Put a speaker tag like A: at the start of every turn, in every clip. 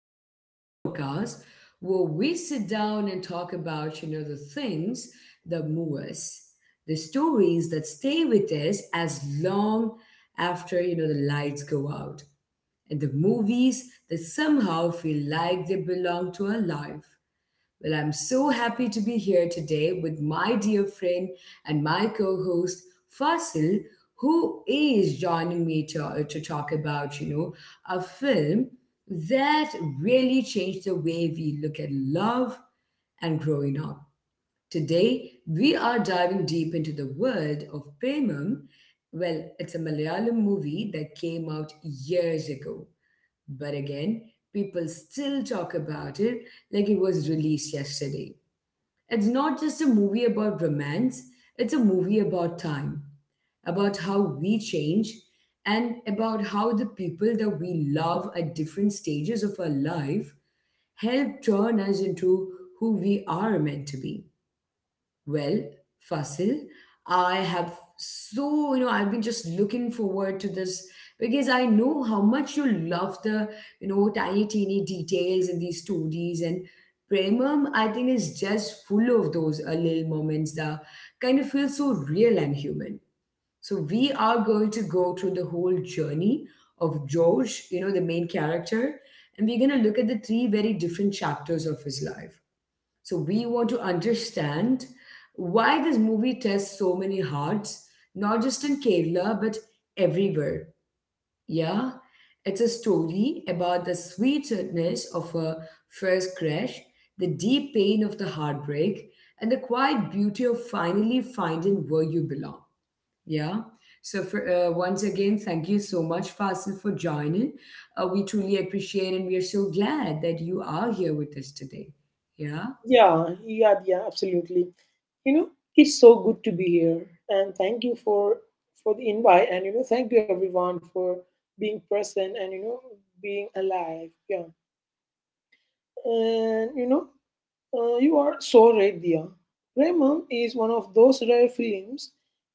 A: back to our podcast where we sit down and talk about, you know, the things that move us, the stories that stay with us as long after, you know, the lights go out, and the movies that somehow feel like they belong to our life. Well, I'm so happy to be here today with my dear friend and my co host, Fasil, who is joining me to talk about, you know, a film that really changed the way we look at love and growing up. Today, we are diving deep into the world of Premam. Well, it's a Malayalam movie that came out years ago but again, people still talk about it like it was released yesterday. It's not just a movie about romance, it's a movie about time, about how we change, and about how the people that we love at different stages of our life help turn us into who we are meant to be. Well, Fasil, I have so, you know, I've been just looking forward to this because I know how much you love the, you know, tiny, teeny details in these stories. And Premam, I think, is just full of those little moments that kind of feel so real and human. So we are going to go through the whole journey of George, you know, the main character, and we're going to look at the three very different chapters of his life. So we want to understand why this movie tests so many hearts, not just in Kerala, but everywhere. Yeah, it's a story about the sweetness of a first crush, the deep pain of the heartbreak, and the quiet beauty of finally finding where you belong. Yeah. So for once again, thank you so much, Fasil, for joining. We truly appreciate, and we are so glad that you are here with us today. Yeah.
B: Yeah, yeah, yeah, absolutely. You know, it's so good to be here, and thank you for the invite, and thank you everyone for being present and being alive. Yeah, and you know, you are so right, dear. Raymond is one of those rare films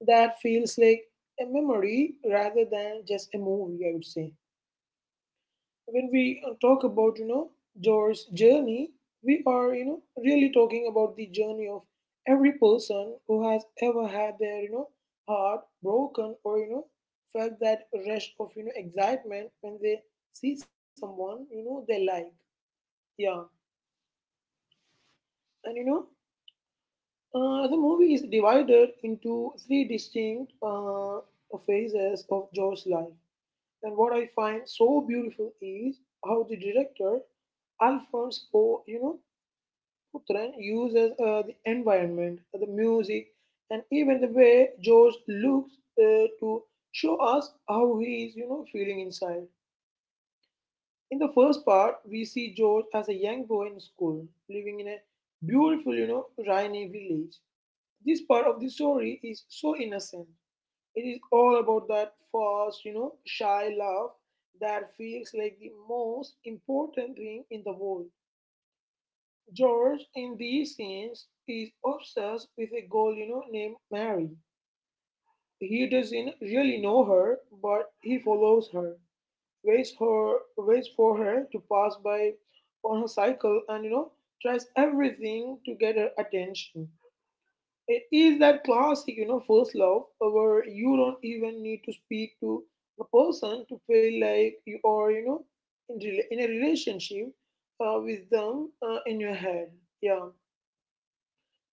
B: that feels like a memory rather than just a movie. I would say when we talk about Joe's journey, we are really talking about the journey of every person who has ever had their heart broken or felt that rush of excitement when they see someone they like. Yeah, and you know the movie is divided into three distinct phases of Joe's life. And what I find so beautiful is how the director Alphonse Poe, Putran uses the environment, the music, and even the way George looks to show us how he is, feeling inside. In the first part, we see George as a young boy in school, living in a beautiful, rainy village. This part of the story is so innocent. It is all about that first, shy love that feels like the most important thing in the world. George, in these scenes, is obsessed with a girl, named Mary. He doesn't really know her, but he follows her, waits for her to pass by on her cycle, and tries everything to get her attention. It is that classic, first love, where you don't even need to speak to the person to feel like you are, in a relationship with them in your head. Yeah.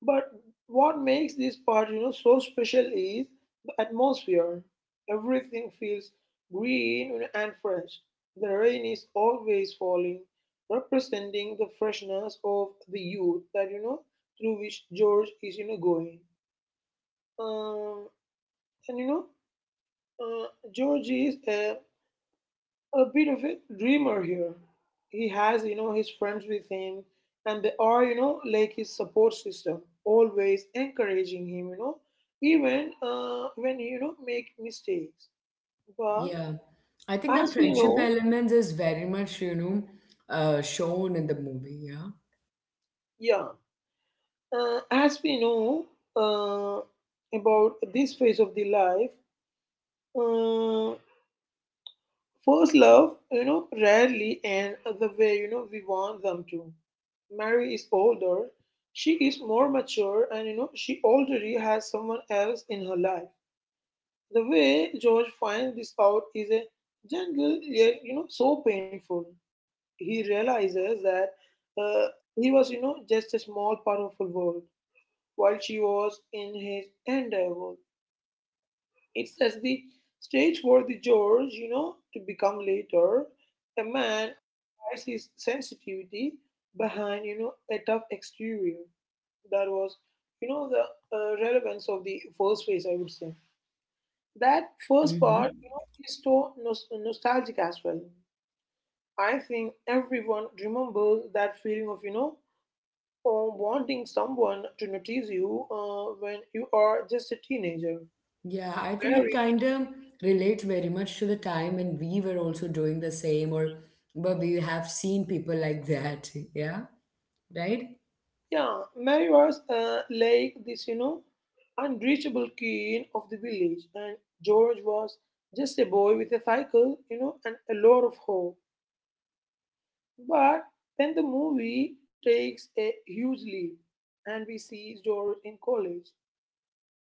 B: But what makes this part, so special is the atmosphere. Everything feels green and fresh. The rain is always falling, representing the freshness of the youth that through which George is, going. Um, and you know, uh, George is a bit of a dreamer here. He has, his friends with him, and they are, like his support system, always encouraging him, even when he, make mistakes. But
A: Yeah, I think the
B: as we
A: friendship
B: know,
A: element is very much, you know, shown in the movie. Yeah.
B: yeah, uh, as we know uh, about this phase of the life, uh, first love, rarely end the way we want them to. Mary is older, she is more mature, and she already has someone else in her life. The way George finds this out is a gentle yet so painful. He realizes that uh, he was just a small part of her world while she was in his entire world. It's as the stage for the George to become later a man who hides his sensitivity behind a tough exterior. That was, you know, the uh, relevance of the first phase, I would say. That first
A: Mm-hmm.
B: part, is so nostalgic as well. I think everyone remembers that feeling of, wanting someone to notice you when you are just a teenager.
A: Yeah, I think it
B: Mary,
A: kind of relates very much to the time when we were also doing the same, or but we have seen people like that. Yeah. Right?
B: yeah, Mary was like this, unreachable queen of the village, and George was just a boy with a cycle, and a lot of hope. But then the movie takes a huge leap, and we see George in college.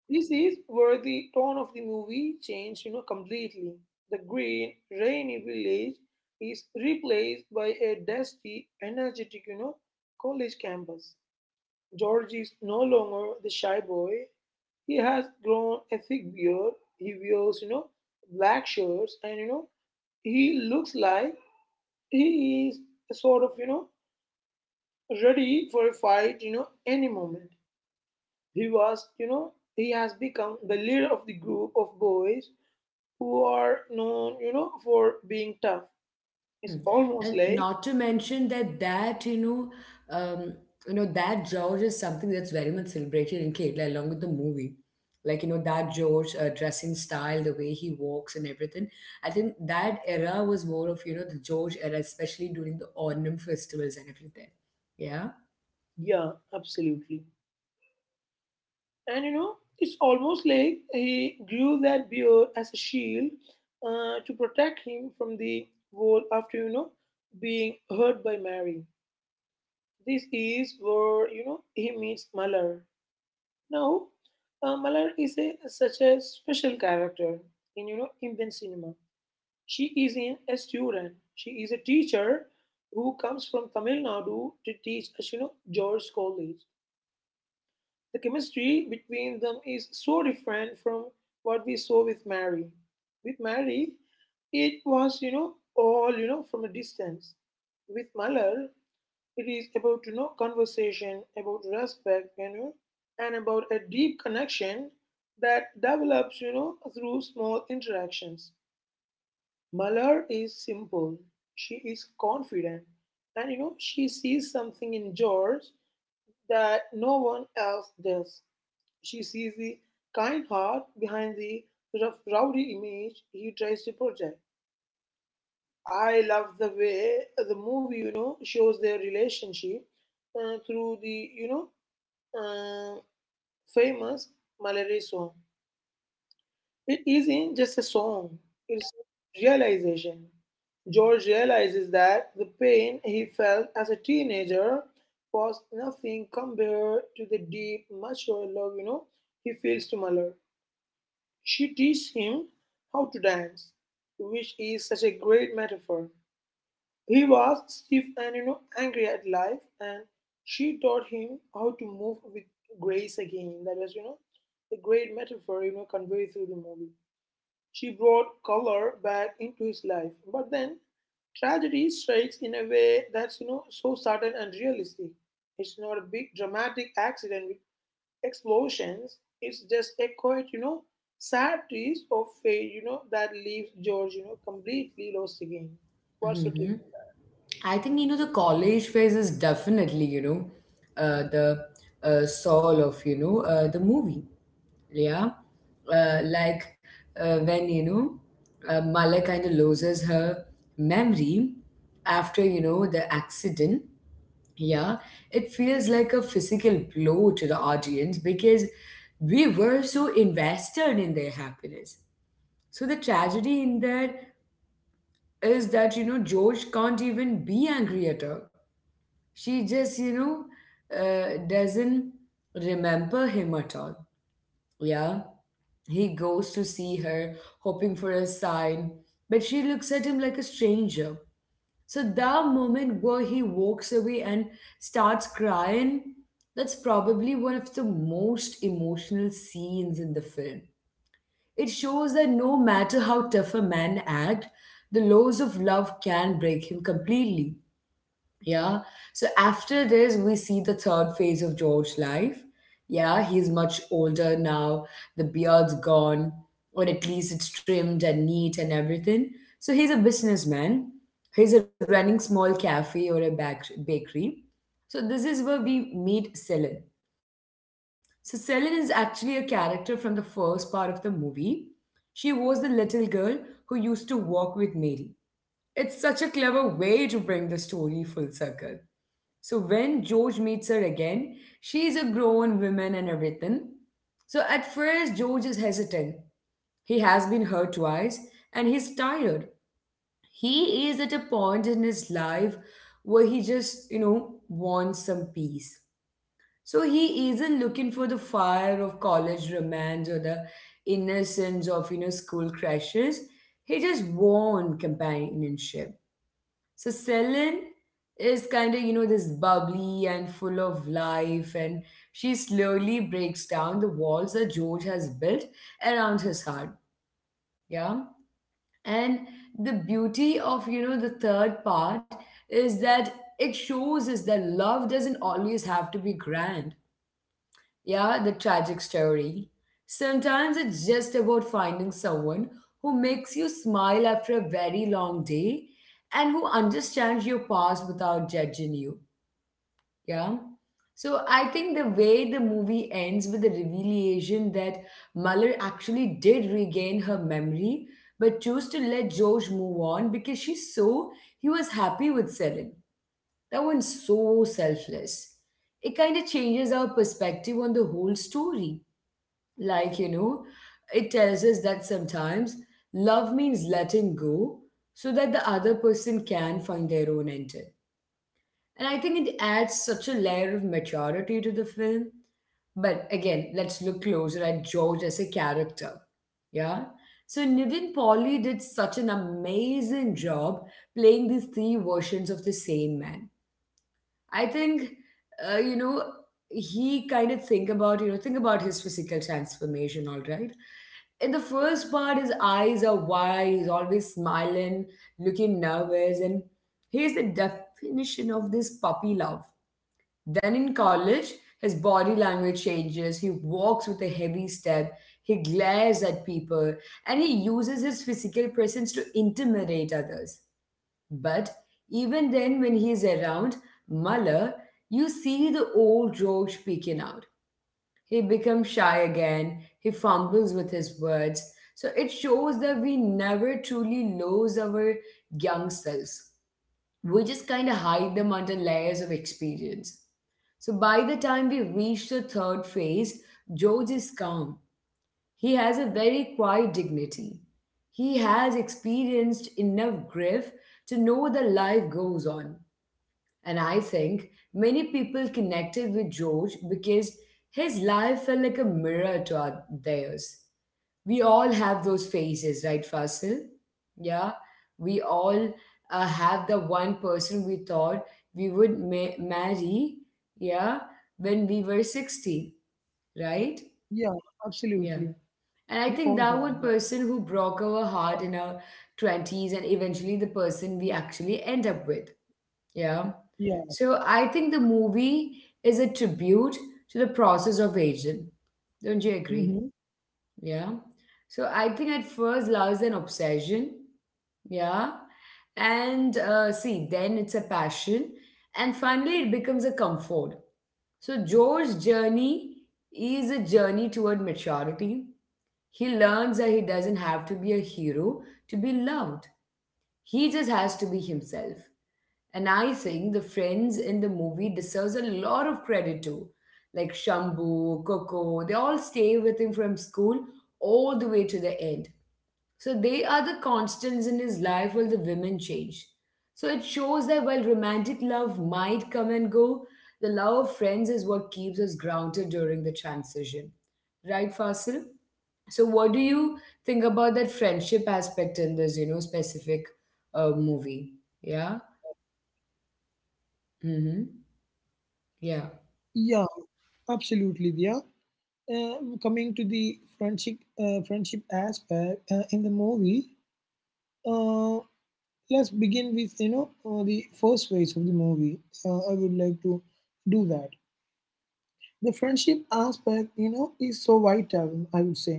B: This is where the tone of the movie changed, completely. The green, rainy village is replaced by a dusty, energetic, college campus. George is no longer the shy boy. He has grown a thick beard. He wears, black shirts, and he looks like he is a sort of, ready for a fight, any moment. He was, you know, he has become the leader of the group of boys who are known, for being tough.
A: Hmm.
B: It's almost
A: And
B: like,
A: not to mention that um, you know that George is something that's very much celebrated in Kerala along with the movie. Like you know that George dressing style, the way he walks and everything. I think that era was more of you know the George era, especially during the Onam festivals and everything. Yeah.
B: yeah, absolutely. And it's almost like he grew that beard as a shield to protect him from the wall after, being hurt by Mary. This is where, he meets Malheur. Now, Malar is such a special character in Indian cinema. She is in a student. She is a teacher who comes from Tamil Nadu to teach at George College. The chemistry between them is so different from what we saw with Mary. With Mary, it was all from a distance. With Malar, it is about conversation, about respect, and about a deep connection that develops through small interactions. Malar is simple. She is confident, and she sees something in George that no one else does. She sees the kind heart behind the rough, rowdy image he tries to project. I love the way the movie, shows their relationship through the, uh, famous Mallory song. It isn't just a song, it's a realization. George realizes that the pain he felt as a teenager was nothing compared to the deep, mature love, he feels to Muller. She teaches him how to dance, which is such a great metaphor. He was stiff and angry at life, and she taught him how to move with grace again. That was a great metaphor conveyed through the movie. She brought color back into his life, but then tragedy strikes in a way that's so sudden and realistic. It's not a big dramatic accident with explosions. It's just a quiet, sad twist of fate that leaves George completely lost again. What's your
A: hmm
B: take?
A: I think you know the college phase is definitely you know the soul of you know the movie. yeah uh, like when you know mala kind of loses her memory after you know the accident, yeah, it feels like a physical blow to the audience because we were so invested in their happiness, so the tragedy in that is that you know george can't even be angry at her. She just you know doesn't remember him at all. Yeah. He goes to see her, hoping for a sign, but she looks at him like a stranger. So, the moment where he walks away and starts crying, that's probably one of the most emotional scenes in the film. It shows that no matter how tough a man acts, the laws of love can break him completely. Yeah. So after this, we see the third phase of George's life. Yeah, he's much older now. The beard's gone, or at least it's trimmed and neat and everything. So he's a businessman. He's a running small cafe or a bakery. So this is where we meet Celine. So Celine is actually a character from the first part of the movie. She was the little girl who used to walk with Mary. It's such a clever way to bring the story full circle. So when George meets her again, she's a grown woman and everything. So at first, George is hesitant. He has been hurt twice and he's tired. He is at a point in his life where he just, you know, wants some peace. So he isn't looking for the fire of college romance or the innocence of, you know, school crashes. He just wants companionship. So Celine is kind of, you know, this bubbly and full of life, and she slowly breaks down the walls that George has built around his heart. Yeah. And the beauty of, you know, the third part is that it shows us that love doesn't always have to be grand. Yeah, the tragic story. Sometimes it's just about finding someone who makes you smile after a very long day and who understands your past without judging you. Yeah. So I think the way the movie ends with the revelation that Muller actually did regain her memory but chose to let George move on because she saw he was happy with Celine. That one's so selfless. It kind of changes our perspective on the whole story like, you know, it tells us that sometimes love means letting go so that the other person can find their own ending. And I think it adds such a layer of maturity to the film. But again, let's look closer at George as a character. Yeah. So Nivin Pauly did such an amazing job playing these three versions of the same man. I think, you know, he kind of think about his physical transformation, all right? In the first part, his eyes are wide, he's always smiling, looking nervous, and he's the definition of this puppy love. Then in college, his body language changes, he walks with a heavy step, he glares at people, and he uses his physical presence to intimidate others. But even then, when he's around Muller, you see the old George peeking out. He becomes shy again, he fumbles with his words. So it shows that we never truly lose our young selves. We just kind of hide them under layers of experience. So by the time we reach the third phase, George is calm. He has a very quiet dignity. He has experienced enough grief to know that life goes on. And I think many people connected with George because his life felt like a mirror to our, theirs. We all have those phases, right, Fasil? Yeah, we all have the one person we thought we would marry, yeah, when we were 16, right?
B: Yeah,
A: Yeah.
B: absolutely.
A: And I
B: We
A: think
B: all
A: that one
B: have
A: person
B: that.
A: who broke our heart in our 20s and eventually the person we actually end up with. Yeah.
B: Yeah.
A: So I think the movie is a tribute to the process of aging. Don't you agree?
B: Hmm.
A: Yeah. So I think at first love is an obsession. Yeah. And see, then it's a passion. And finally, it becomes a comfort. So Joe's journey is a journey toward maturity. He learns that he doesn't have to be a hero to be loved. He just has to be himself. And I think the friends in the movie deserves a lot of credit too. Like Shambu, Coco, they all stay with him from school all the way to the end. So they are the constants in his life while the women change. So it shows that while romantic love might come and go, the love of friends is what keeps us grounded during the transition. Right, Fasil? So what do you think about that friendship aspect in this, you know, specific movie? Yeah? Mm-hmm. Yeah.
B: Yeah, absolutely, Dia. Coming to the friendship, friendship aspect in the movie, uh, let's begin with the first phase of the movie. I would like to do that. The friendship aspect, is so vital. I would say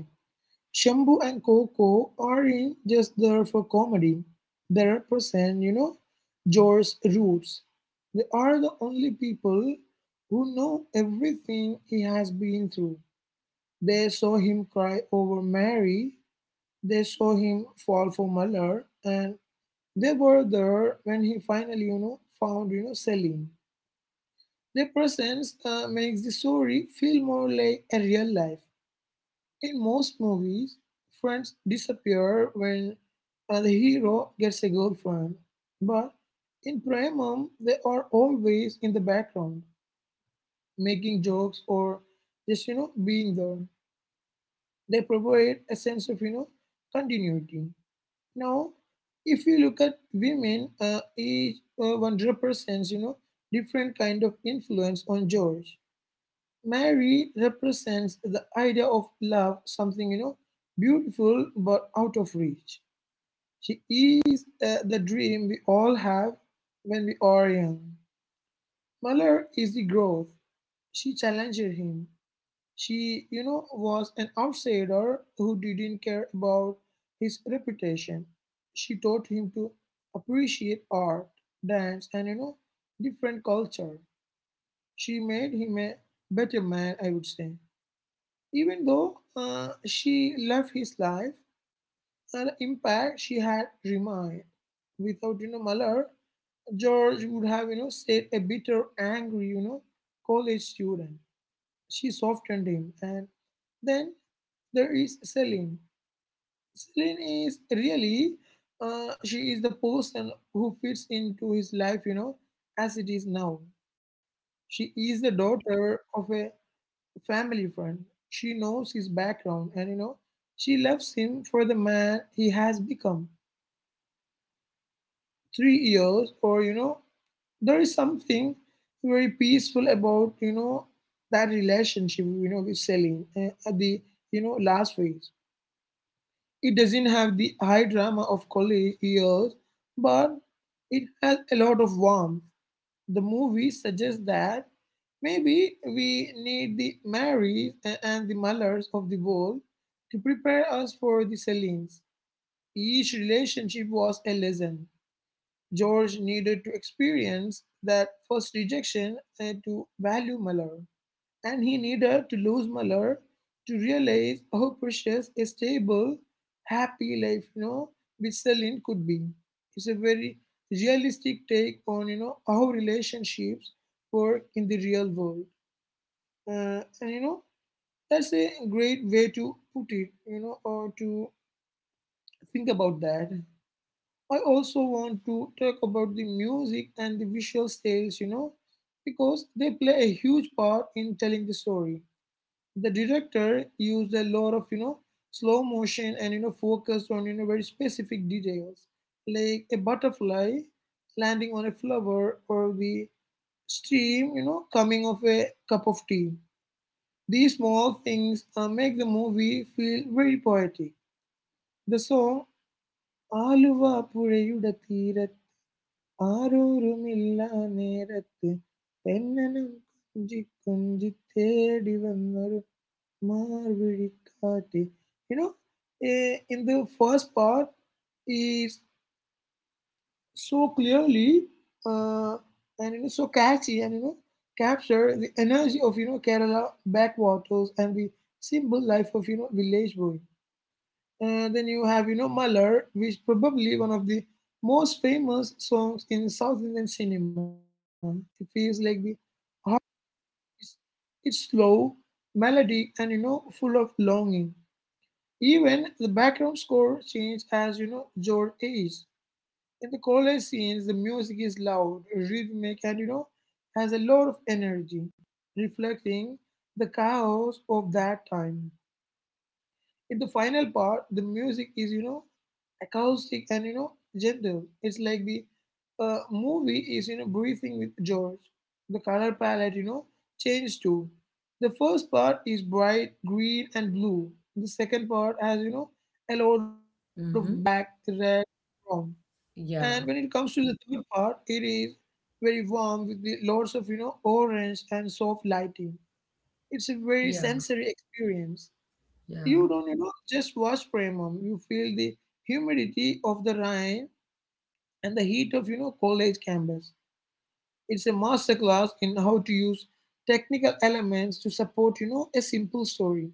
B: Shambu and Coco aren't just there for comedy. They represent, Joe's roots. They are the only people who know everything he has been through. They saw him cry over Mary, they saw him fall for Muller, and they were there when he finally, found Selim. Their presence makes the story feel more like a real life. In most movies, friends disappear when the hero gets a girlfriend, but in Premam, they are always in the background, making jokes or just being there. They provide a sense of continuity. Now, if you look at women, each one represents different kind of influence on George. Mary represents the idea of love, something, beautiful but out of reach. She is the dream we all have when we are young. Muller is the growth. She challenged him. She, was an outsider who didn't care about his reputation. She taught him to appreciate art, dance, and, different culture. She made him a better man, I would say. Even though she left his life, the impact she had remained. Without Muller, George would have stayed a bitter, angry, college student. She softened him, and then there is Celine. Celine is really She is the person who fits into his life, as it is now. She is the daughter of a family friend. She knows his background, and she loves him for the man he has become. 3 years, or there is something very peaceful about that relationship with Celine at the last phase. It doesn't have the high drama of college years, but it has a lot of warmth. The movie suggests that maybe we need the Marys and the Mullers of the world to prepare us for the Celines. Each relationship was a lesson. George needed to experience that first rejection to value Muller, and he needed to lose Muller to realize how precious a stable, happy life, with Celine could be. It's a very realistic take on, how relationships work in the real world. And, that's a great way to put it, or to think about that. I also want to talk about the music and the visual styles, because they play a huge part in telling the story. The director used a lot of slow motion and focus on very specific details like a butterfly landing on a flower or the stream coming of a cup of tea. These small things make the movie feel very poetic. The song Aluva പുഴയുടെ തീരത്ത് ആരോരുമില്ല നേരത്ത് പെണ്ണനം കുഞ്ചി കുഞ്ചി തേടി വന്നൊരു Maricati. You know, in the first part, is so clearly uh, and so catchy and capture the energy of Kerala backwaters and the simple life of village boy. And then you have Malar, which probably one of the most famous songs in South Indian cinema. It feels like the heart is it's slow, melodic, and full of longing. Even the background score changes as George ages. In the college scenes, the music is loud, rhythmic, and has a lot of energy, reflecting the chaos of that time. In the final part, the music is, acoustic and, gentle. It's like the movie is, breathing with George. The color palette, changes too. The first part is bright green and blue. The second part has, a lot of black,
A: Mm-hmm.
B: red, brown. And when it
A: Yeah.
B: comes to the third part, it is very warm with the lots of, orange and soft lighting. It's a very
A: Yeah.
B: sensory experience.
A: Yeah.
B: You don't, just watch Premam. You feel the humidity of the rain and the heat of, college campus. It's a masterclass in how to use technical elements to support, a simple story.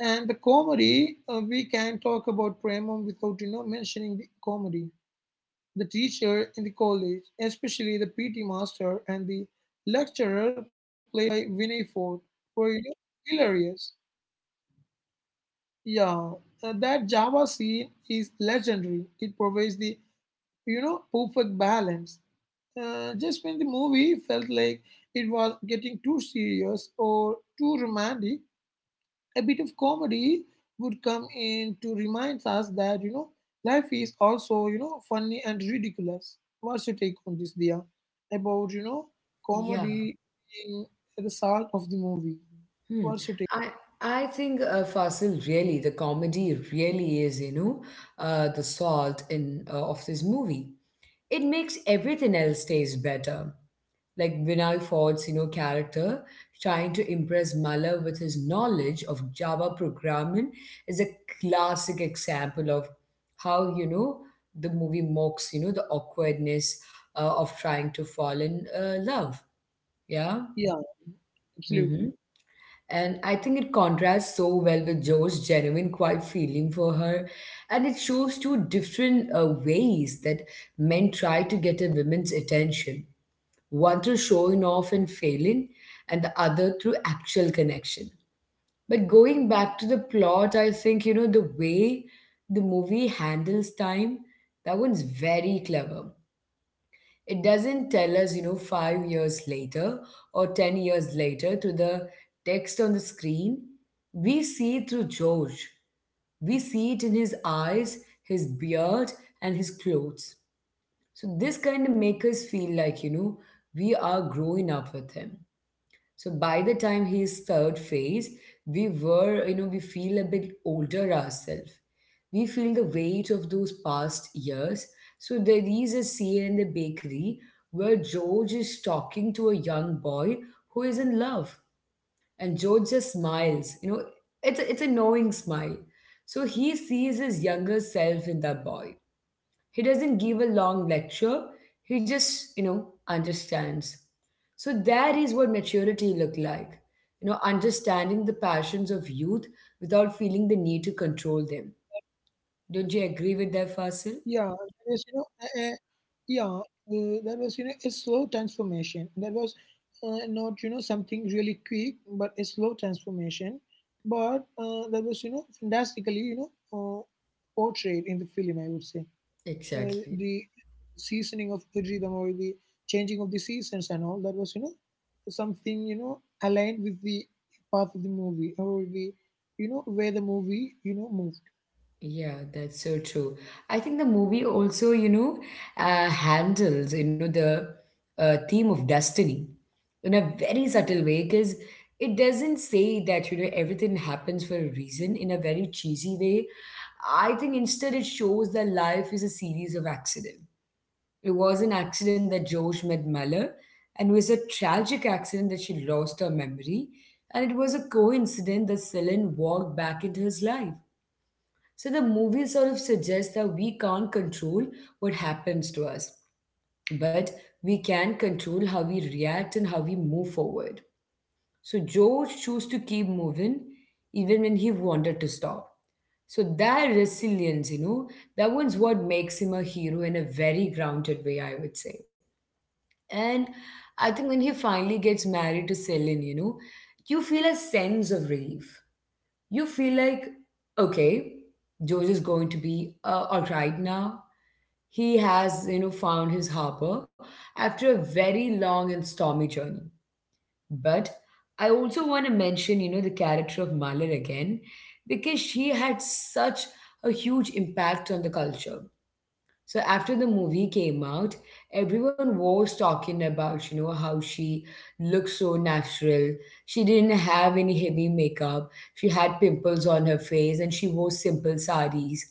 B: And the comedy, we can talk about Premam without, mentioning the comedy. The teacher in the college, especially the PT master and the lecturer played by Vinay Ford, were, hilarious. Yeah, that Java scene is legendary. It provides the, perfect balance. Just when the movie felt like it was getting too serious or too romantic, a bit of comedy would come in to remind us that, life is also, funny and ridiculous. What's your take on this, Dia? About,
A: Yeah.
B: comedy in the salt of the movie.
A: Hmm.
B: What's your take?
A: I I think Fasil really the comedy really is you know the salt in of this movie. It makes everything else taste better. Like Vinay Ford's, you know, character trying to impress Mala with his knowledge of Java programming is a classic example of how, you know, the movie mocks, you know, the awkwardness of trying to fall in love. Yeah.
B: Yeah,
A: hmm
B: absolutely.
A: And I think it contrasts so well with Joe's genuine, quiet feeling for her. And it shows two different ways that men try to get a woman's attention, one through showing off and failing, and the other through actual connection. But going back to the plot, I think, you know, the way the movie handles time, that one's very clever. It doesn't tell us, you know, 5 years later or 10 years later through the text on the screen. We see it through George. We see it in his eyes, his beard, and his clothes. So this kind of make us feel like, you know, we are growing up with him. So by the time he third phase, we were, you know, we feel a bit older ourselves. We feel the weight of those past years. So there is a scene in the bakery where George is talking to a young boy who is in love. And George just smiles, it's a knowing smile. So he sees his younger self in that boy. He doesn't give a long lecture, he just, understands. So that is what maturity look like. Understanding the passions of youth without feeling the need to control them. Don't you agree with that, Fasil?
B: Yeah, there was, you know, there was, a slow transformation. There was not, something really quick, but a slow transformation. But that was, you know, fantastically, portrayed in the film, I would say.
A: Exactly.
B: The seasoning of the rhythm or the changing of the seasons and all, that was, something, aligned with the path of the movie or the, where the movie, moved.
A: Yeah, that's so true. I think the movie also, handles, the theme of destiny in a very subtle way because it doesn't say that, everything happens for a reason in a very cheesy way. I think instead it shows that life is a series of accidents. It was an accident that Josh met Malheur, and it was a tragic accident that she lost her memory, and it was a coincidence that Celine walked back into his life. So the movie sort of suggests that we can't control what happens to us, but we can control how we react and how we move forward. So George chose to keep moving even when he wanted to stop. So that resilience, that one's what makes him a hero in a very grounded way, I would say. And I think when he finally gets married to Celine, you feel a sense of relief. You feel like, okay, George is going to be all right now. He has, found his harbor after a very long and stormy journey. But I also want to mention, the character of Malar again, because she had such a huge impact on the culture. So after the movie came out, everyone was talking about, how she looked so natural. She didn't have any heavy makeup. She had pimples on her face and she wore simple sarees.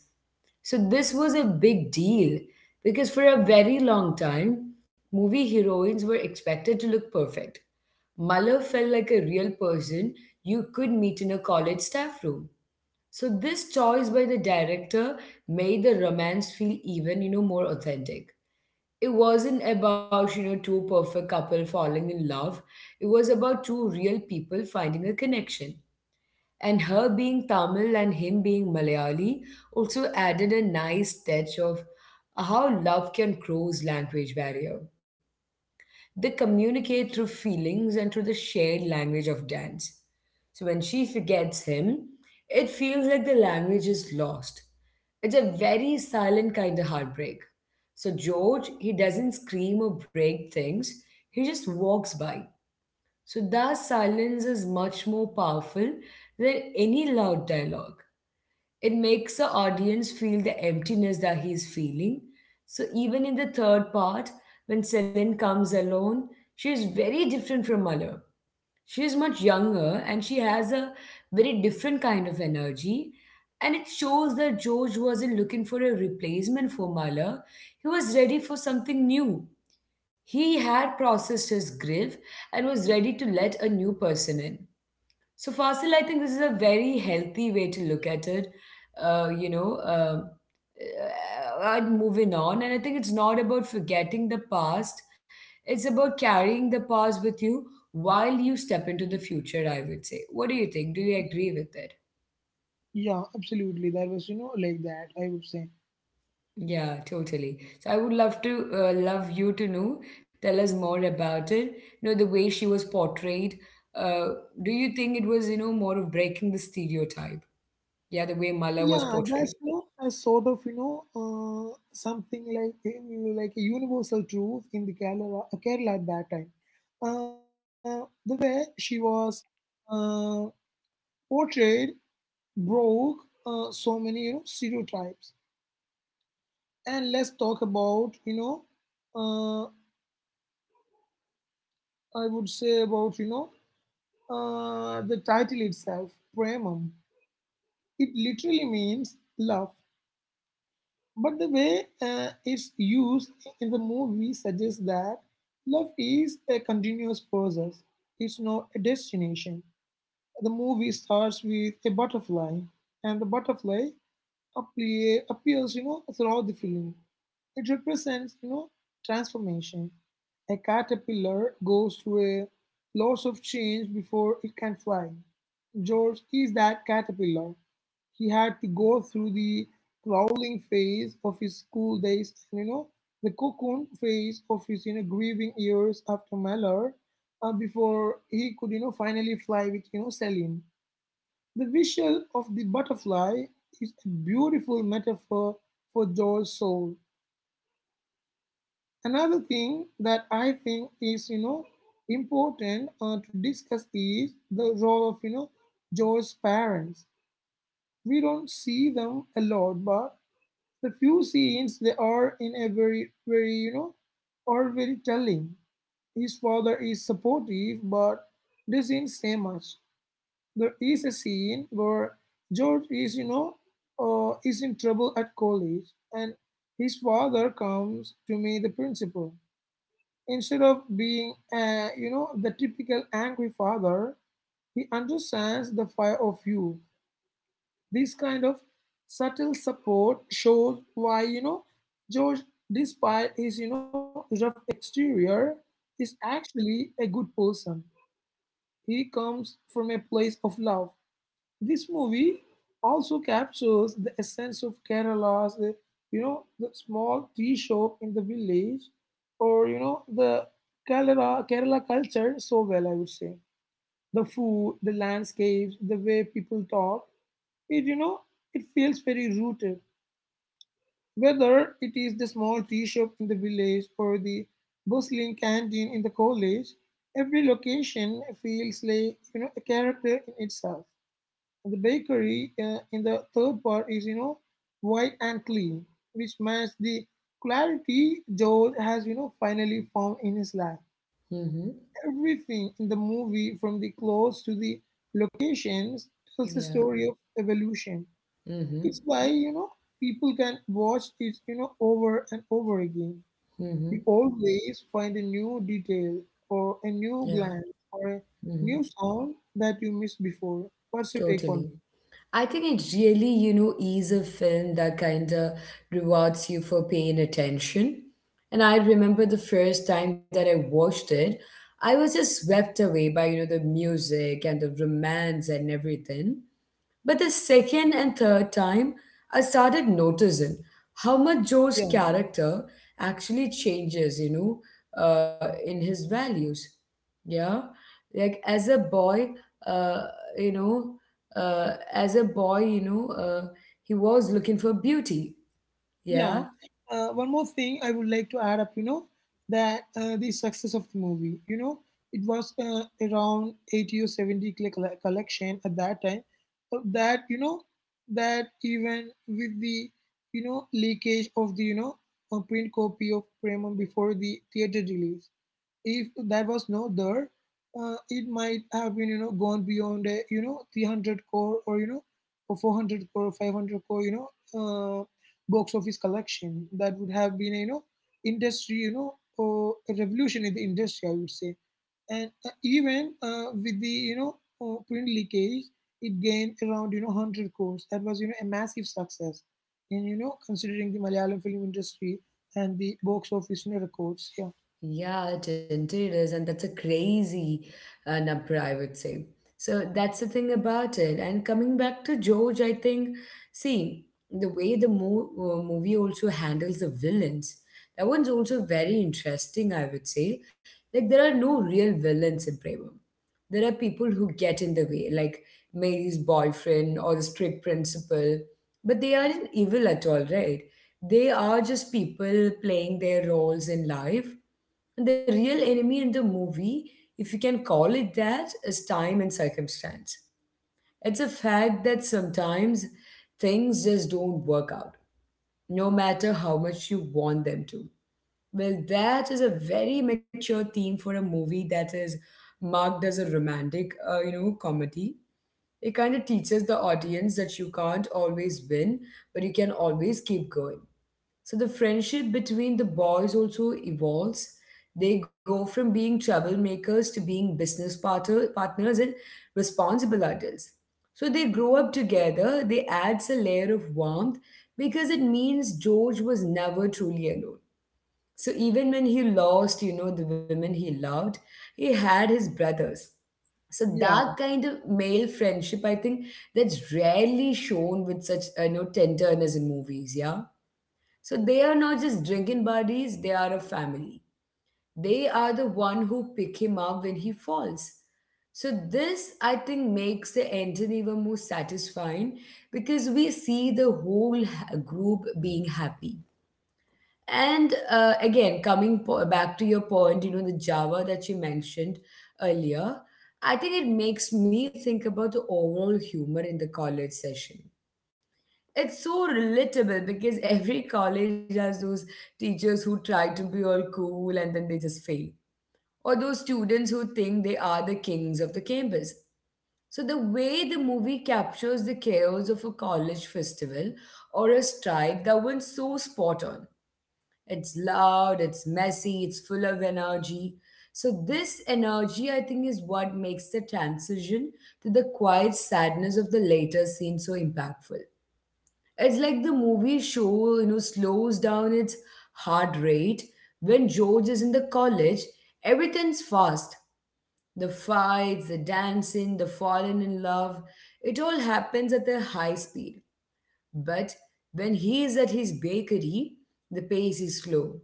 A: So this was a big deal because for a very long time, movie heroines were expected to look perfect. Malo felt like a real person you could meet in a college staff room. So this choice by the director made the romance feel even, more authentic. It wasn't about, two perfect couple falling in love. It was about two real people finding a connection. And her being Tamil and him being Malayali also added a nice touch of how love can cross language barrier. They communicate through feelings and through the shared language of dance. So when she forgets him, it feels like the language is lost. It's a very silent kind of heartbreak. So George, he doesn't scream or break things, he just walks by. So that silence is much more powerful than any loud dialogue. It makes the audience feel the emptiness that he is feeling. So even in the third part, when Celine comes alone, she is very different from Malheur. She is much younger and she has a very different kind of energy. And it shows that George wasn't looking for a replacement for Mahler. He was ready for something new. He had processed his grief and was ready to let a new person in. So, Fasil, I think this is a very healthy way to look at it. I'm moving on, and I think it's not about forgetting the past, it's about carrying the past with you while you step into the future, I would say. What do you think? Do you agree with it?
B: Yeah, absolutely. That was, like that, I would say.
A: Yeah, totally. So I would love to love you to know, tell us more about it. The way she was portrayed. Uh, do you think it was, more of breaking the stereotype? Yeah, the way Mala was
B: Yeah,
A: portrayed.
B: that's, you know, a sort of, something like you like a universal truth in the Kerala at that time. The way she was uh, portrayed broke so many, stereotypes. And let's talk about, you know, uh, I would say about, you know, the title itself, Premam. It literally means love. But the way it's used in the movie suggests that love is a continuous process, it's not a destination. The movie starts with a butterfly, and the butterfly appears, throughout the film. It represents, transformation. A caterpillar goes through a lots of change before it can fly. George is that caterpillar, he had to go through the crawling phase of his school days and the cocoon phase of his grieving years after Mellor, before he could finally fly with Selim. The visual of the butterfly is a beautiful metaphor for Joel's soul. Another thing that I think is important to discuss is the role of Joel's parents. We don't see them a lot, but the few scenes they are in a very very are very telling. His father is supportive but doesn't say much. There is a scene where George is is in trouble at college and his father comes to meet the principal. Instead of being the typical angry father, he understands the fire of you. This kind of subtle support shows why, George, despite his, rough exterior, is actually a good person. He comes from a place of love. This movie also captures the essence of Kerala's, the small tea shop in the village or, the Kerala culture so well, I would say. The food, the landscapes, the way people talk, it, it feels very rooted. Whether it is the small tea shop in the village or the bustling canteen in the college, every location feels like a character in itself. The bakery in the third part is white and clean, which matches the clarity George has finally found in his life.
A: Mm-hmm.
B: Everything in the movie, from the clothes to the locations, tells the
A: Yeah.
B: story of evolution.
A: Mm-hmm.
B: It's why, people can watch it, over and over again. We
A: Mm-hmm.
B: always find a new detail or a
A: Yeah.
B: new glance or a
A: Mm-hmm.
B: new sound that you missed before. What's your take on this?
A: Totally. I think it really, is a film that kind of rewards you for paying attention. And I remember the first time that I watched it, I was just swept away by, the music and the romance and everything. But the second and third time, I started noticing how much Joe's
B: Yeah.
A: character actually changes, in his values. Yeah. Like as a boy, uh, you know, as a boy, you know, he was looking for beauty. Yeah.
B: Yeah. One more thing I would like to add up, that the success of the movie, it was around 80 or 70 collection at that time. But that, that even with the, leakage of the, a print copy of Premon before the theater release, if that was not there, it might have been gone beyond a 300 crore or or 400 crore or 500 crore uh, box office collection that would have been industry or a revolution in the industry, I would say. And even with the print leakage, it gained around 100 crores. That was a massive success, and considering the Malayalam film industry and the box office, records. Yeah,
A: Yeah, it indeed is, and that's a crazy number, I would say. So that's the thing about it. And coming back to George, I think, see, the way the movie also handles the villains, that one's also very interesting, I would say. Like, there are no real villains in Prema there are people who get in the way, like Mary's boyfriend or the strict principal, but they aren't evil at all, right? They are just people playing their roles in life. And the real enemy in the movie, if you can call it that, is time and circumstance. It's a fact that sometimes things just don't work out, no matter how much you want them to. Well, that is a very mature theme for a movie that is marked as a romantic, comedy. It kind of teaches the audience that you can't always win, but you can always keep going. So the friendship between the boys also evolves. They go from being troublemakers to being partners and responsible adults. So they grow up together. They adds a layer of warmth because it means George was never truly alone. So even when he lost, the women he loved, he had his brothers. So
B: yeah,
A: that kind of male friendship, I think, that's rarely shown with such, tenderness in movies. Yeah. So they are not just drinking buddies; they are a family. They are the one who pick him up when he falls. So this, I think, makes the ending even more satisfying because we see the whole group being happy. And again, back to your point, the Java that you mentioned earlier, I think it makes me think about the overall humor in the college session. It's so relatable because every college has those teachers who try to be all cool and then they just fail, or those students who think they are the kings of the campus. So, the way the movie captures the chaos of a college festival or a strike, that one's so spot on it's loud, it's messy, it's full of energy. So, this energy, I think, is what makes the transition to the quiet sadness of the later scene so impactful. It's like the movie show, slows down its heart rate. When George is in the college, everything's fast. The fights, the dancing, the falling in love, it all happens at a high speed. But when he is at his bakery, the pace is slow.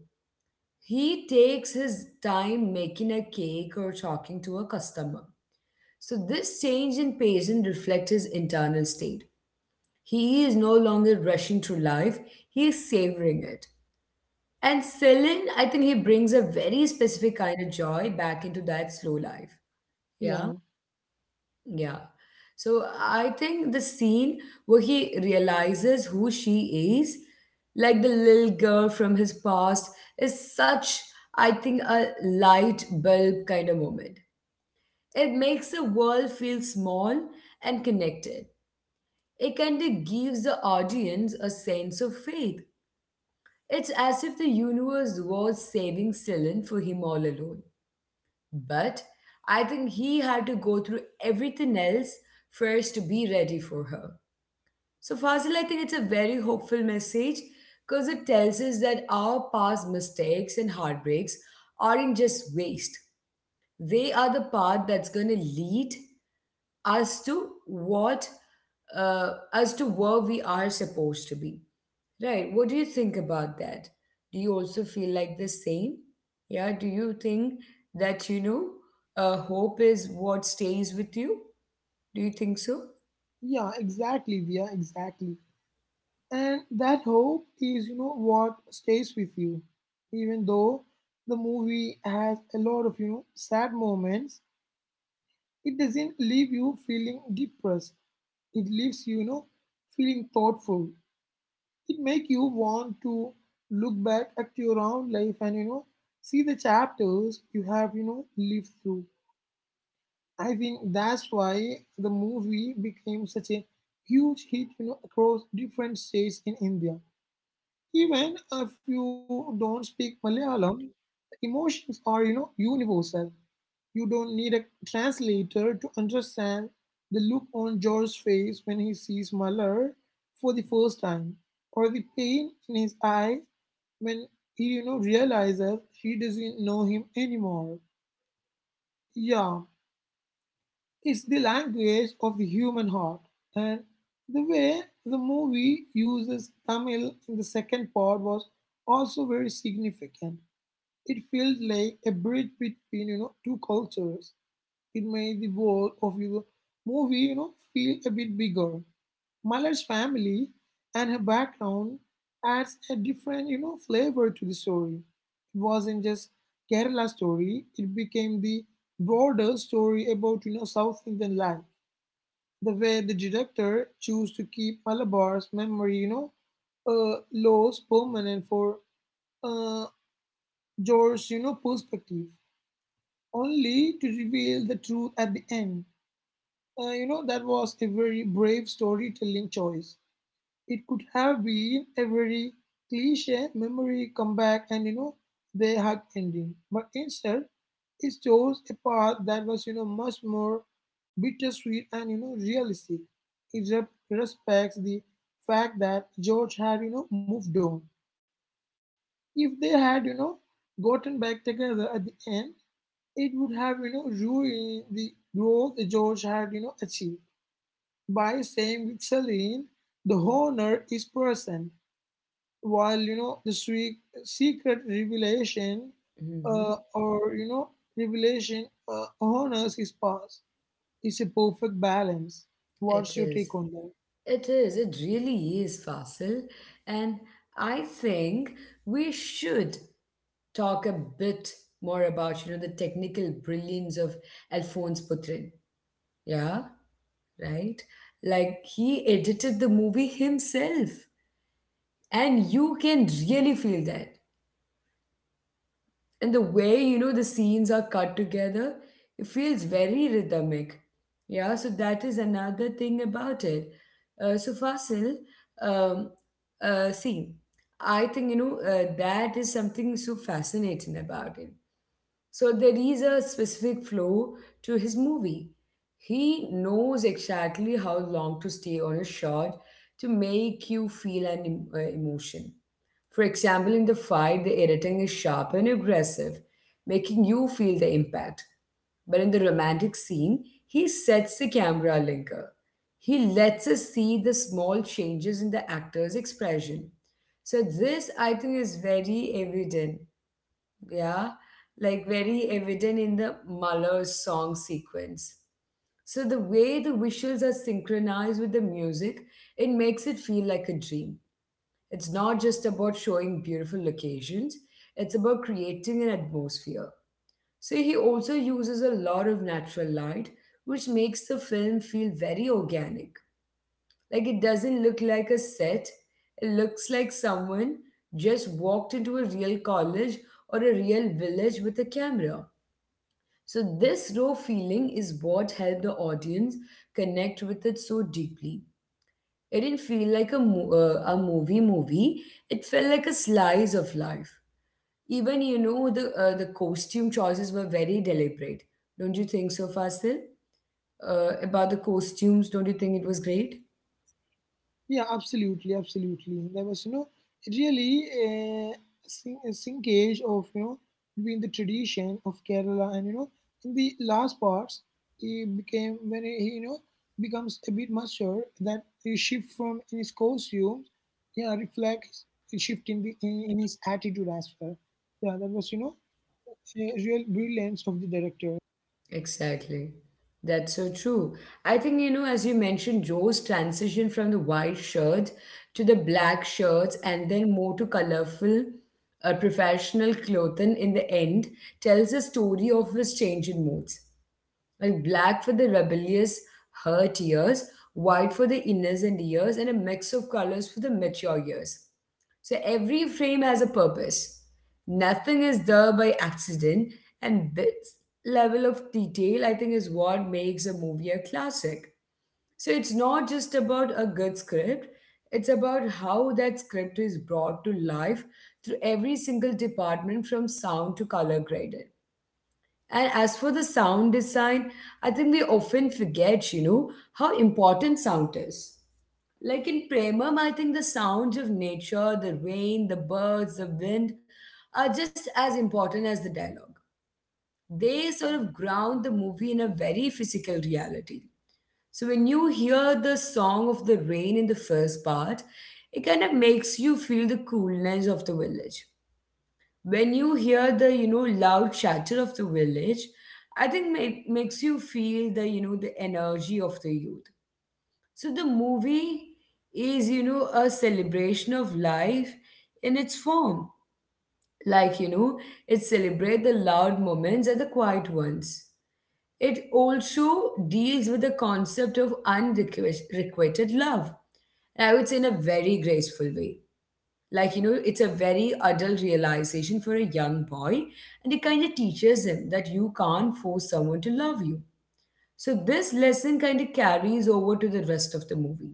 A: He takes his time making a cake or talking to a customer. So, this change in Payson reflects his internal state. He is no longer rushing through life, he is savoring it. And Celine, I think he brings a very specific kind of joy back into that slow life.
B: yeah.
A: Yeah. Yeah. So I think the scene where he realizes who she is, like the little girl from his past, is such, I think, a light bulb kind of moment. It makes the world feel small and connected. It kind of gives the audience a sense of faith. It's as if the universe was saving Celine for him all alone. But I think he had to go through everything else first to be ready for her. So, Fazil, I think it's a very hopeful message because it tells us that our past mistakes and heartbreaks aren't just waste, they are the path that's going to lead as to what as to where we are supposed to be, right? What do you think about that? Do you also feel like the same? Yeah, do you think that hope is what stays with you? Do you think so?
B: Yeah, exactly, Via, exactly. And that hope is, what stays with you. Even though the movie has a lot of, sad moments, it doesn't leave you feeling depressed. It leaves you, feeling thoughtful. It makes you want to look back at your own life and, see the chapters you have, lived through. I think that's why the movie became such a huge hit, across different states in India. Even if you don't speak Malayalam, emotions are, universal. You don't need a translator to understand the look on George's face when he sees Malar for the first time, or the pain in his eyes when he, realizes she doesn't know him anymore. Yeah, it's the language of the human heart, and the way the movie uses Tamil in the second part was also very significant. It felt like a bridge between two cultures. It made the world of the movie feel a bit bigger. Malar's family and her background adds a different flavor to the story. It wasn't just Kerala story; it became the broader story about South Indian life. The way the director chose to keep Malabar's memory, laws permanent for uh, George's, perspective, only to reveal the truth at the end. That was a very brave storytelling choice. It could have been a very cliche memory comeback and they had ending. But instead, it chose a path that was much more bittersweet and realistic. It respects the fact that George had moved on. If they had gotten back together at the end, it would have ruined the growth George had achieved by saying with Celine. The honor is present while the sweet secret revelation
A: Mm-hmm.
B: or you know revelation honors his past. It's a perfect balance.
A: It
B: What's your
A: is.
B: take on that?
A: It is. It really is, Fasil. And I think we should talk a bit more about, the technical brilliance of Alphonse Putrin. Yeah. Right? Like he edited the movie himself. And you can really feel that. And the way, the scenes are cut together, it feels very rhythmic. Yeah, so that is another thing about it. So, Fasil, um, see, I think, that is something so fascinating about it. So there is a specific flow to his movie. He knows exactly how long to stay on a shot to make you feel an emotion. For example, in the fight, the editing is sharp and aggressive, making you feel the impact. But in the romantic scene, he sets the camera linker. He lets us see the small changes in the actor's expression. So, this I think is very evident yeah, like very evident in the Mahler's song sequence. So the way the visuals are synchronized with the music, it makes it feel like a dream. It's not just about showing beautiful locations, it's about creating an atmosphere. So he also uses a lot of natural light, which makes the film feel very organic. Like it doesn't look like a set, it looks like someone just walked into a real college or a real village with a camera. So, this raw feeling is what helped the audience connect with it so deeply. It didn't feel like a movie movie. It felt like a slice of life. Even, the costume choices were very deliberate. Don't you think so, Fasil? About the costumes, don't you think it was great?
B: Yeah, absolutely, absolutely. There was, you know, really a sinkage of, between the tradition of Kerala and, in the last parts, it became when he, becomes a bit mature that he shift from in his costumes, yeah, reflects a shift in the in his attitude as well. Yeah, that was, a real brilliance of the director.
A: Exactly. That's so true. I think, you know, as you mentioned, Joe's transition from the white shirts to the black shirts and then more to colorful professional clothing in the end tells a story of his change in moods. Like black for the rebellious, hurt years, white for the innocent years, and a mix of colors for the mature years. So every frame has a purpose. Nothing is there by accident. And this level of detail, I think, is what makes a movie a classic. So it's not just about a good script, it's about how that script is brought to life through every single department from sound to color graded. And as for the sound design, I think we often forget, you know, how important sound is. Like in Premam, I think the sounds of nature, the rain, the birds, the wind are just as important as the dialogue. They sort of ground the movie in a very physical reality. So when you hear the song of the rain in the first part, it kind of makes you feel the coolness of the village. When you hear the, you know, loud chatter of the village, I think it makes you feel the, you know, the energy of the youth, so the movie is, you know, a celebration of life in its form. Like, you know, it celebrates the loud moments and the quiet ones. It also deals with the concept of unrequited love. And I would say in a very graceful way. Like, you know, it's a very adult realization for a young boy, and it kind of teaches him that you can't force someone to love you. So, this lesson kind of carries over to the rest of the movie.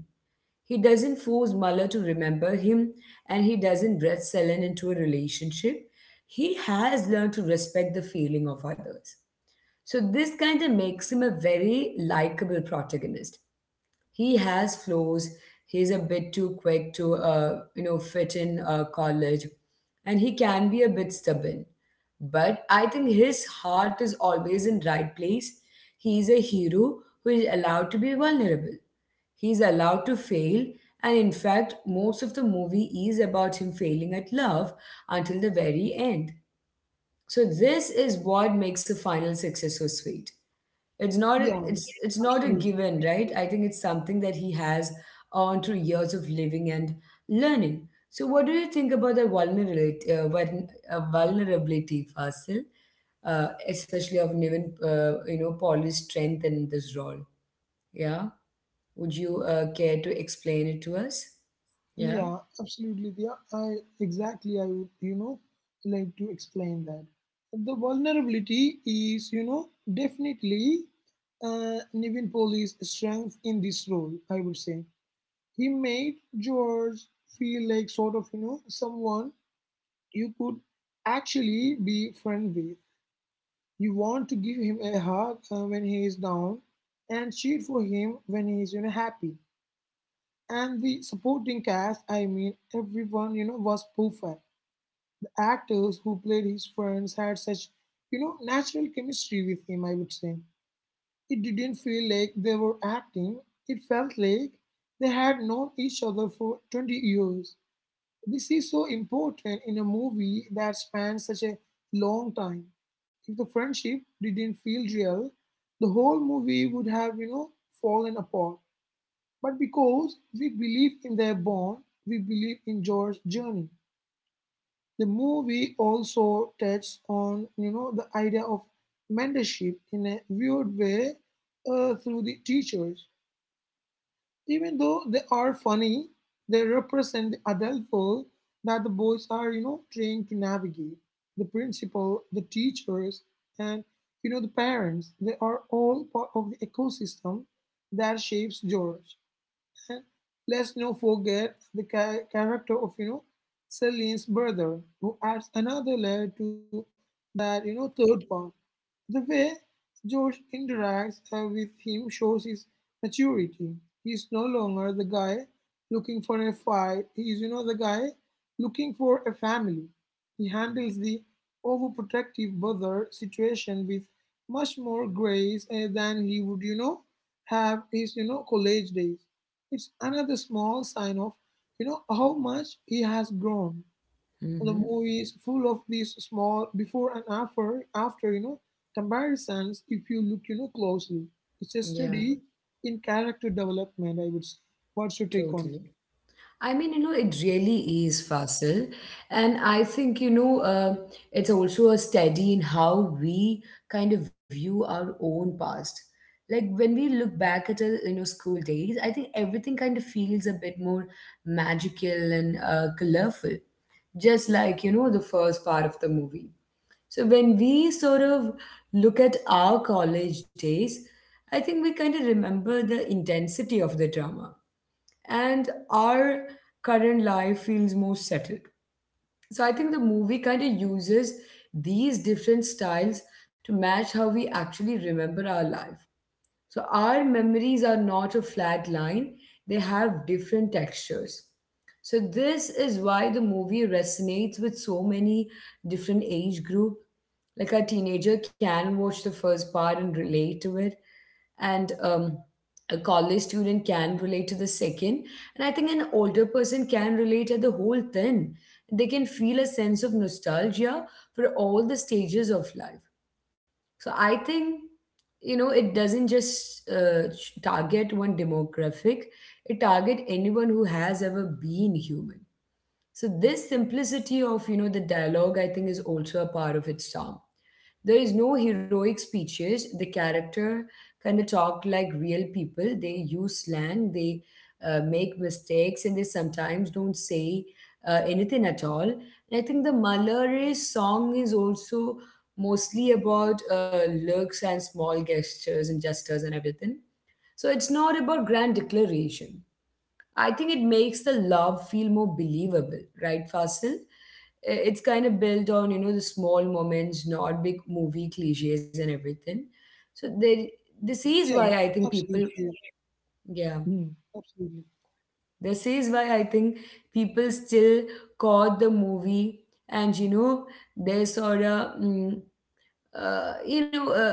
A: He doesn't force Muller to remember him and he doesn't dress Selen into a relationship. He has learned to respect the feeling of others. So this kind of makes him a very likable protagonist. He has flaws. He's a bit too quick to, you know, fit in college, and he can be a bit stubborn. But I think his heart is always in right place. He is a hero who is allowed to be vulnerable. He is allowed to fail, and in fact, most of the movie is about him failing at love until the very end. So this is what makes a final success so sweet. It's not
B: Yeah,
A: a- it's it's not a
B: absolutely,
A: given, right?
B: absolutely.
A: I think it's something that he has on through years of living and learning. So what do you think about the vulnerability, Fasil, especially of Niven, you know, Paul's strength in this role? Yeah, would you care to explain it to us? Yeah.
B: Yeah, absolutely. Yeah, I exactly. I would, like to explain that. The vulnerability is, definitely Nivin Poli's strength in this role. I would say he made George feel like sort of, someone you could actually be friend with. You want to give him a hug, when he is down, and cheer for him when he is, happy. And the supporting cast, I mean, everyone was perfect. The actors who played his friends had such natural chemistry with him, I would say. It didn't feel like they were acting. It felt like they had known each other for 20 years. This is so important in a movie that spans such a long time. If the friendship didn't feel real, the whole movie would have, fallen apart. But because we believe in their bond, we believe in George's journey. The movie also touches on, the idea of mentorship in a weird way, through the teachers. Even though they are funny, they represent the adult world that the boys are, trying to navigate. The principal, the teachers, and the parents. They are all part of the ecosystem that shapes George. And let's not forget the character of Celine's brother, who adds another layer to that, third part. The way George interacts, with him shows his maturity. He's no longer the guy looking for a fight. He's, the guy looking for a family. He handles the overprotective brother situation with much more grace, than he would, have his, college days. It's another small sign of, how much he has grown. The
A: Mm-hmm.
B: movie is full of these small before and after, comparisons. If you look, closely, it's a
A: Yeah.
B: study in character development, I would say. What's your take on it?
A: Totally. I mean, you know, it really is, Fasil. And I think, you know, it's also a study in how we kind of view our own past. Like when we look back at our, you know, school days, I think everything kind of feels a bit more magical and colorful, just like, you know, the first part of the movie. So when we sort of look at our college days, I think we kind of remember the intensity of the drama and our current life feels more settled. So I think the movie kind of uses these different styles to match how we actually remember our life. So our memories are not a flat line, they have different textures. So this is why the movie resonates with so many different age group. Like a teenager can watch the first part and relate to it, and a college student can relate to the second, and I think an older person can relate at the whole thing. They can feel a sense of nostalgia for all the stages of life. So I think, you know, it doesn't just target one demographic, it target anyone who has ever been human. So this simplicity of, you know, the dialogue I think is also a part of its charm. There is no heroic speeches. The character kind of talk like real people. They use slang. They make mistakes, and they sometimes don't say anything at all. And I think the Malare song is also mostly about looks and small gestures and gestures and everything. So it's not about grand declaration. I think it makes the love feel more believable, right, Fasil? I- It's kind of built on, you know, the small moments, not big movie cliches and everything. So they, this
B: Yeah,
A: is why I think
B: absolutely. Yeah.
A: people, yeah,
B: Hmm, absolutely.
A: this is why I think people still caught the movie and, you know, they sort of, uh, you know, uh,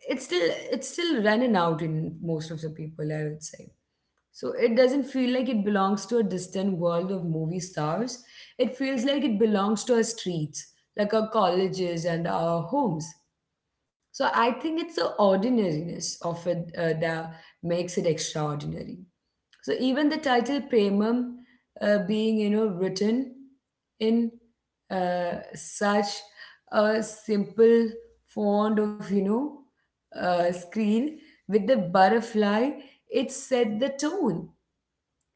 A: it's still, it's still running out in most of the people, I would say. So it doesn't feel like it belongs to a distant world of movie stars. It feels like it belongs to our streets, like our colleges and our homes. So I think it's the ordinariness of it that makes it extraordinary. So even the title Premam being, you know, written in such a simple font of, you know, screen with the butterfly, it set the tone,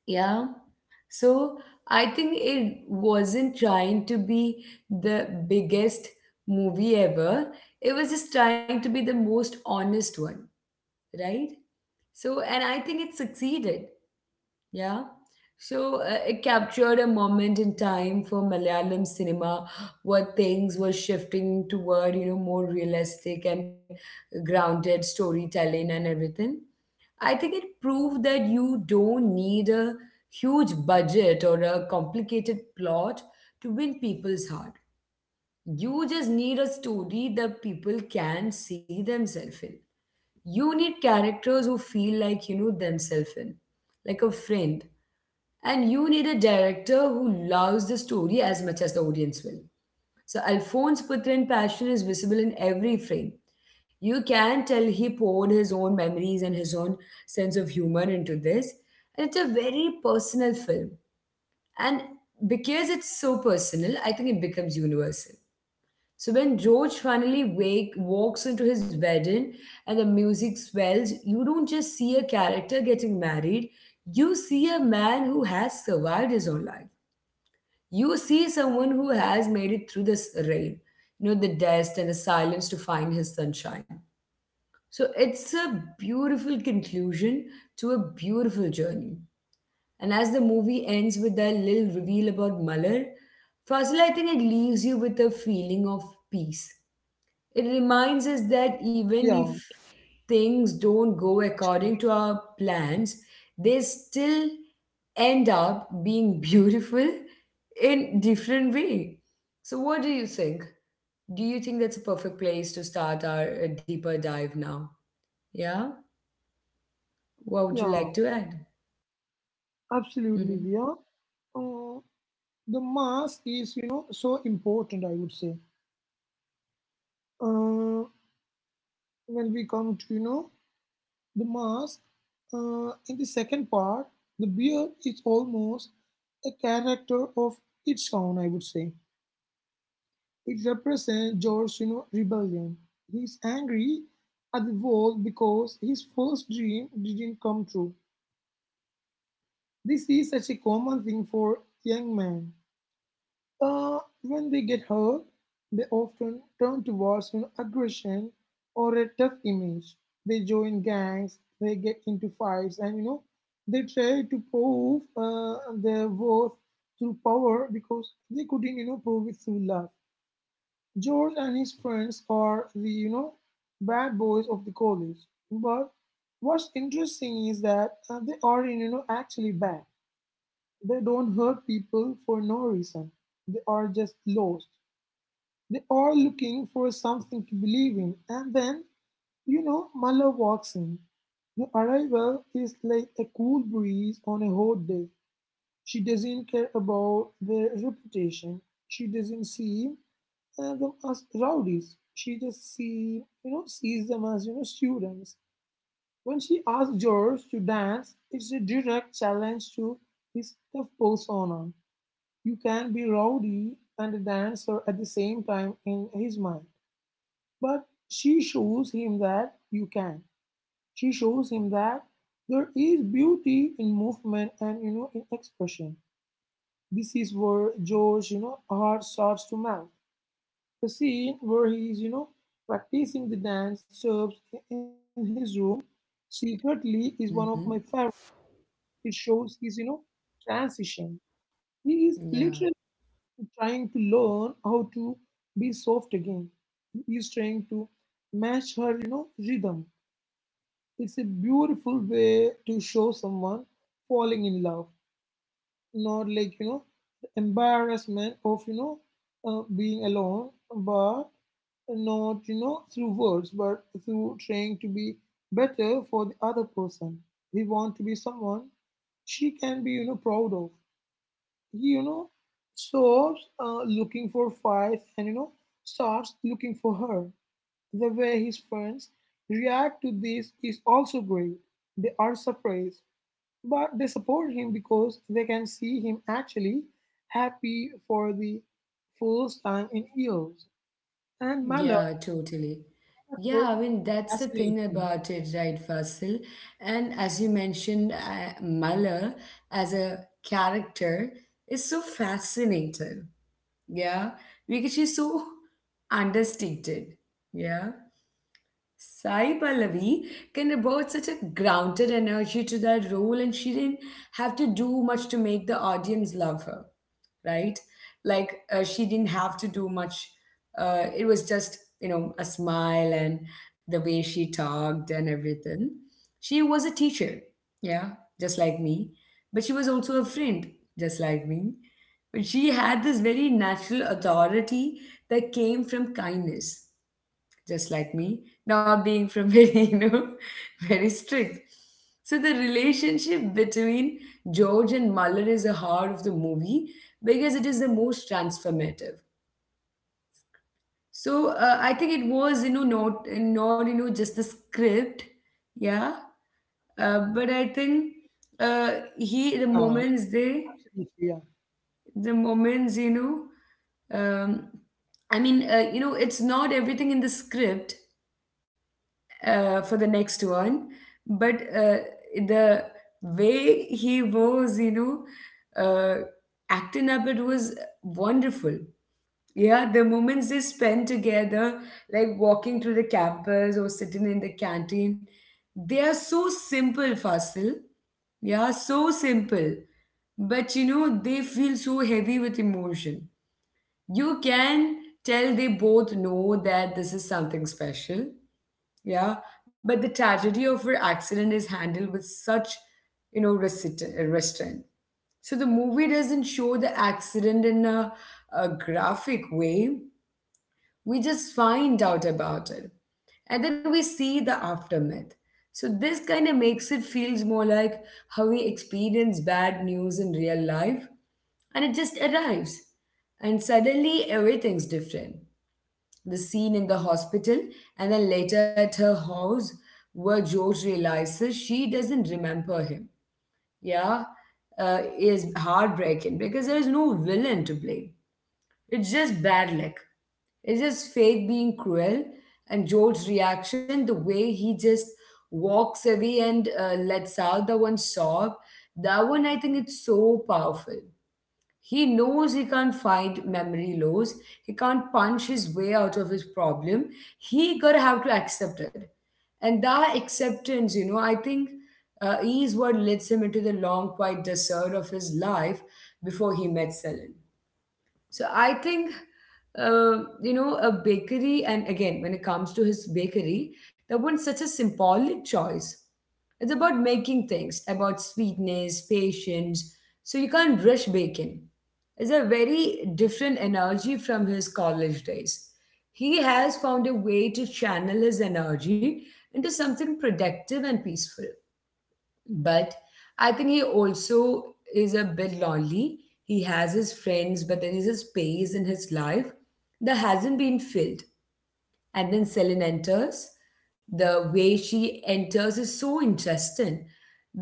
A: yeah. So I think it wasn't trying to be the biggest movie ever. It was just trying to be the most honest one, right? So, and I think it succeeded. Yeah. So it captured a moment in time for Malayalam cinema where things were shifting toward, you know, more realistic and grounded storytelling and everything. I think it proved that you don't need a huge budget or a complicated plot to win people's heart. You just need a story that people can see themselves in. You need characters who feel like, you know, themselves in, like a friend. And you need a director who loves the story as much as the audience will. So Alphonse Putrin's passion is visible in every frame. You can tell he poured his own memories and his own sense of humor into this. And it's a very personal film. And because it's so personal, I think it becomes universal. So when George finally walks into his wedding and the music swells, you don't just see a character getting married, you see a man who has survived his own life. You see someone who has made it through this rain, you know, the dust and the silence to find his sunshine. So it's a beautiful conclusion to a beautiful journey. And as the movie ends with that little reveal about Malar, Fazil, I think it leaves you with a feeling of peace. It reminds us that even
B: Yeah,
A: if things don't go
B: actually,
A: according to our plans, they still end up being beautiful in different way. So what do you think? Do you think that's a perfect place to start our deeper dive now? Yeah? What would you
B: yeah,
A: like to add?
B: absolutely.
A: Mm-hmm.
B: Yeah uh, the mask is, so important, I would say. uh, when we come to, the mask. In the second part, the beard is almost a character of its own, I would say. It represents George's, rebellion. He's angry at the world because his first dream didn't come true. This is such a common thing for young men. Uh, when they get hurt, they often turn towards, aggression or a tough image. They join gangs, they get into fights, and they try to prove, their worth through power because they couldn't, prove it through love. George and his friends are the, bad boys of the college, but what's interesting is that they aren't, actually bad. They don't hurt people for no reason. They are just lost. They are looking for something to believe in, and then, Mala walks in. Your arrival is like a cool breeze on a hot day. She doesn't care about their reputation. She doesn't see, them as rowdies. She just see, sees them as, students. When she asks George to dance, it's a direct challenge to his tough persona. You can be rowdy and a dancer at the same time in his mind. But she shows him that you can. She shows him that there is beauty in movement and, in expression. This is where George, heart starts to melt. The scene where he is, practicing the dance serves in his room secretly is one of my favorites.
A: Mm-hmm.
B: It shows his, transition. He is
A: Yeah.
B: literally trying to learn how to be soft again. He is trying to match her, rhythm. It's a beautiful way to show someone falling in love, not like, the embarrassment of, being alone, but not, through words, but through trying to be better for the other person. He want to be someone she can be, proud of. He, stops, looking for fights and, starts looking for her. The way his friends react to this is also great. They are surprised, but they support him because they can see him actually happy for the first time in years. And my
A: Yeah,
B: love
A: totally.
B: were
A: Yeah, I mean, that's the thing
B: fascinating.
A: about it, right, Fasil? And as you mentioned, Mala as a character is so fascinating. Yeah, because she's so understated. Yeah, Sai Pallavi can about such a grounded energy to that role, and she didn't have to do much to make the audience love her, right? Like she didn't have to do much. It was just, you know, a smile and the way she talked and everything. She was a teacher, yeah, just like me, but she was also a friend, just like me. But she had this very natural authority that came from kindness just like me, not being from very, you know, very strict. So the relationship between George and Muller is the heart of the movie because it is the most transformative. So I think it was, you know, not you know just the script, yeah. But I think uh, he the
B: Yeah,
A: moments they
B: absolutely. Yeah.
A: the moments, you know, um, I mean, you know, it's not everything in the script, for the next one. But the way he was, you know, acting up, it was wonderful. Yeah, the moments they spend together, like walking through the campus or sitting in the canteen, they are so simple, Fasil. Yeah, so simple. But you know, they feel so heavy with emotion. You can tell they both know that this is something special, yeah, but the tragedy of her accident is handled with such, you know, restraint. So the movie doesn't show the accident in a graphic way. We just find out about it, and then we see the aftermath. So this kind of makes it feels more like how we experience bad news in real life, and it just arrives, and suddenly everything's different. The scene in the hospital and then later at her house where George realizes she doesn't remember him. Yeah, is heartbreaking because there's no villain to blame. It's just bad luck. It's just fate being cruel, and George's reaction, the way he just walks away and lets out the one sob. That one, I think it's so powerful. He knows he can't fight memory loss. He can't punch his way out of his problem. He gotta have to accept it. And that acceptance, you know, I think is what leads him into the long, quiet desert of his life before he met Celine. So I think, you know, a bakery, and again, when it comes to his bakery, that one's such a symbolic choice. It's about making things, about sweetness, patience. So you can't rush baking. It's a very different energy from his college days. He has found a way to channel his energy into something productive and peaceful. But I think he also is a bit lonely. He has his friends, but there is a space in his life that hasn't been filled. And then Celine enters. The way she enters is so interesting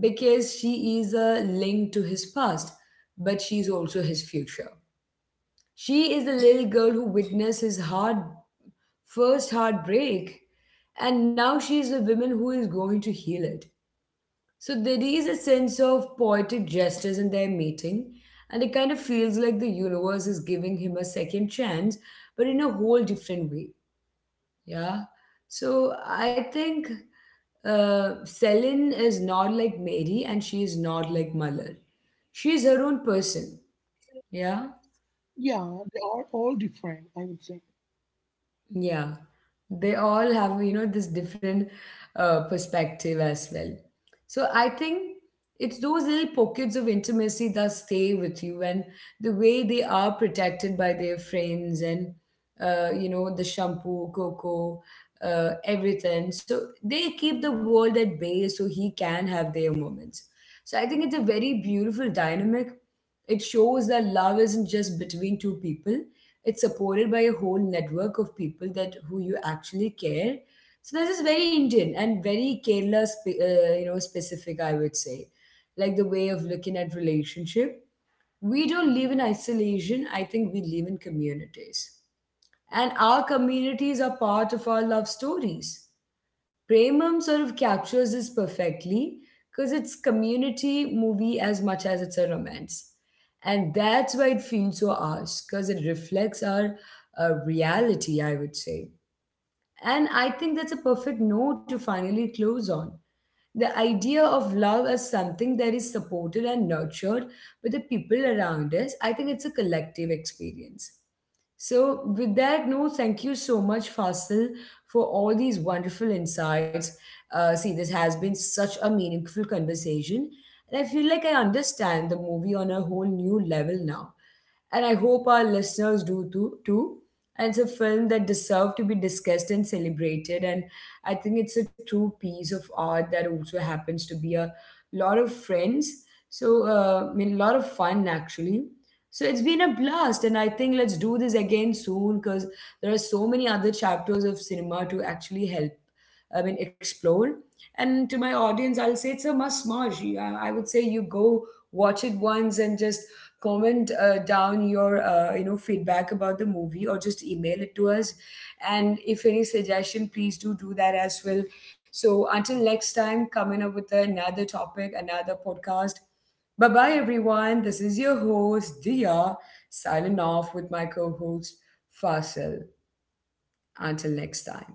A: because she is a link to his past, but she's also his future. She is a little girl who witnessed his heart first heartbreak, and now she is a woman who is going to heal it. So there is a sense of poetic justice in their meeting, and it kind of feels like the universe is giving him a second chance, but in a whole different way. Yeah. So I think Selin is not like Mary, and she is not like Malar. She is her own person. Yeah.
B: Yeah, they are all different, I would say.
A: Yeah, they all have, you know, this different perspective as well. So I think it's those little pockets of intimacy that stay with you, and the way they are protected by their friends and, you know, the shampoo, cocoa, everything. So they keep the world at bay so he can have their moments. So I think it's a very beautiful dynamic. It shows that love isn't just between two people, it's supported by a whole network of people that who you actually care. So this is very Indian and very Kerala you know, specific, I would say, like the way of looking at relationship. We don't live in isolation, I think we live in communities, and our communities are part of our love stories. Premam sort of captures this perfectly because it's community movie as much as it's a romance. And that's why it feels so ours because it reflects our reality, I would say. And I think that's a perfect note to finally close on. The idea of love as something that is supported and nurtured by the people around us, I think it's a collective experience. So, with that note, thank you so much, Fasil, for all these wonderful insights. See, this has been such a meaningful conversation, and I feel like I understand the movie on a whole new level now. And I hope our listeners do too. And it's a film that deserves to be discussed and celebrated. And I think it's a true piece of art that also happens to be a lot of friends. So, I mean, a lot of fun actually, so it's been a blast, and I think let's do this again soon because there are so many other chapters of cinema to actually help, I mean, explore. And to my audience, I'll say it's a must watch. I would say you go watch it once and just comment down your you know, feedback about the movie, or just email it to us. And if any suggestion, please do that as well. So until next time, coming up with another topic, another podcast. Bye bye, everyone. This is your host, Dia, signing off with my co host, Fasil. Until next time.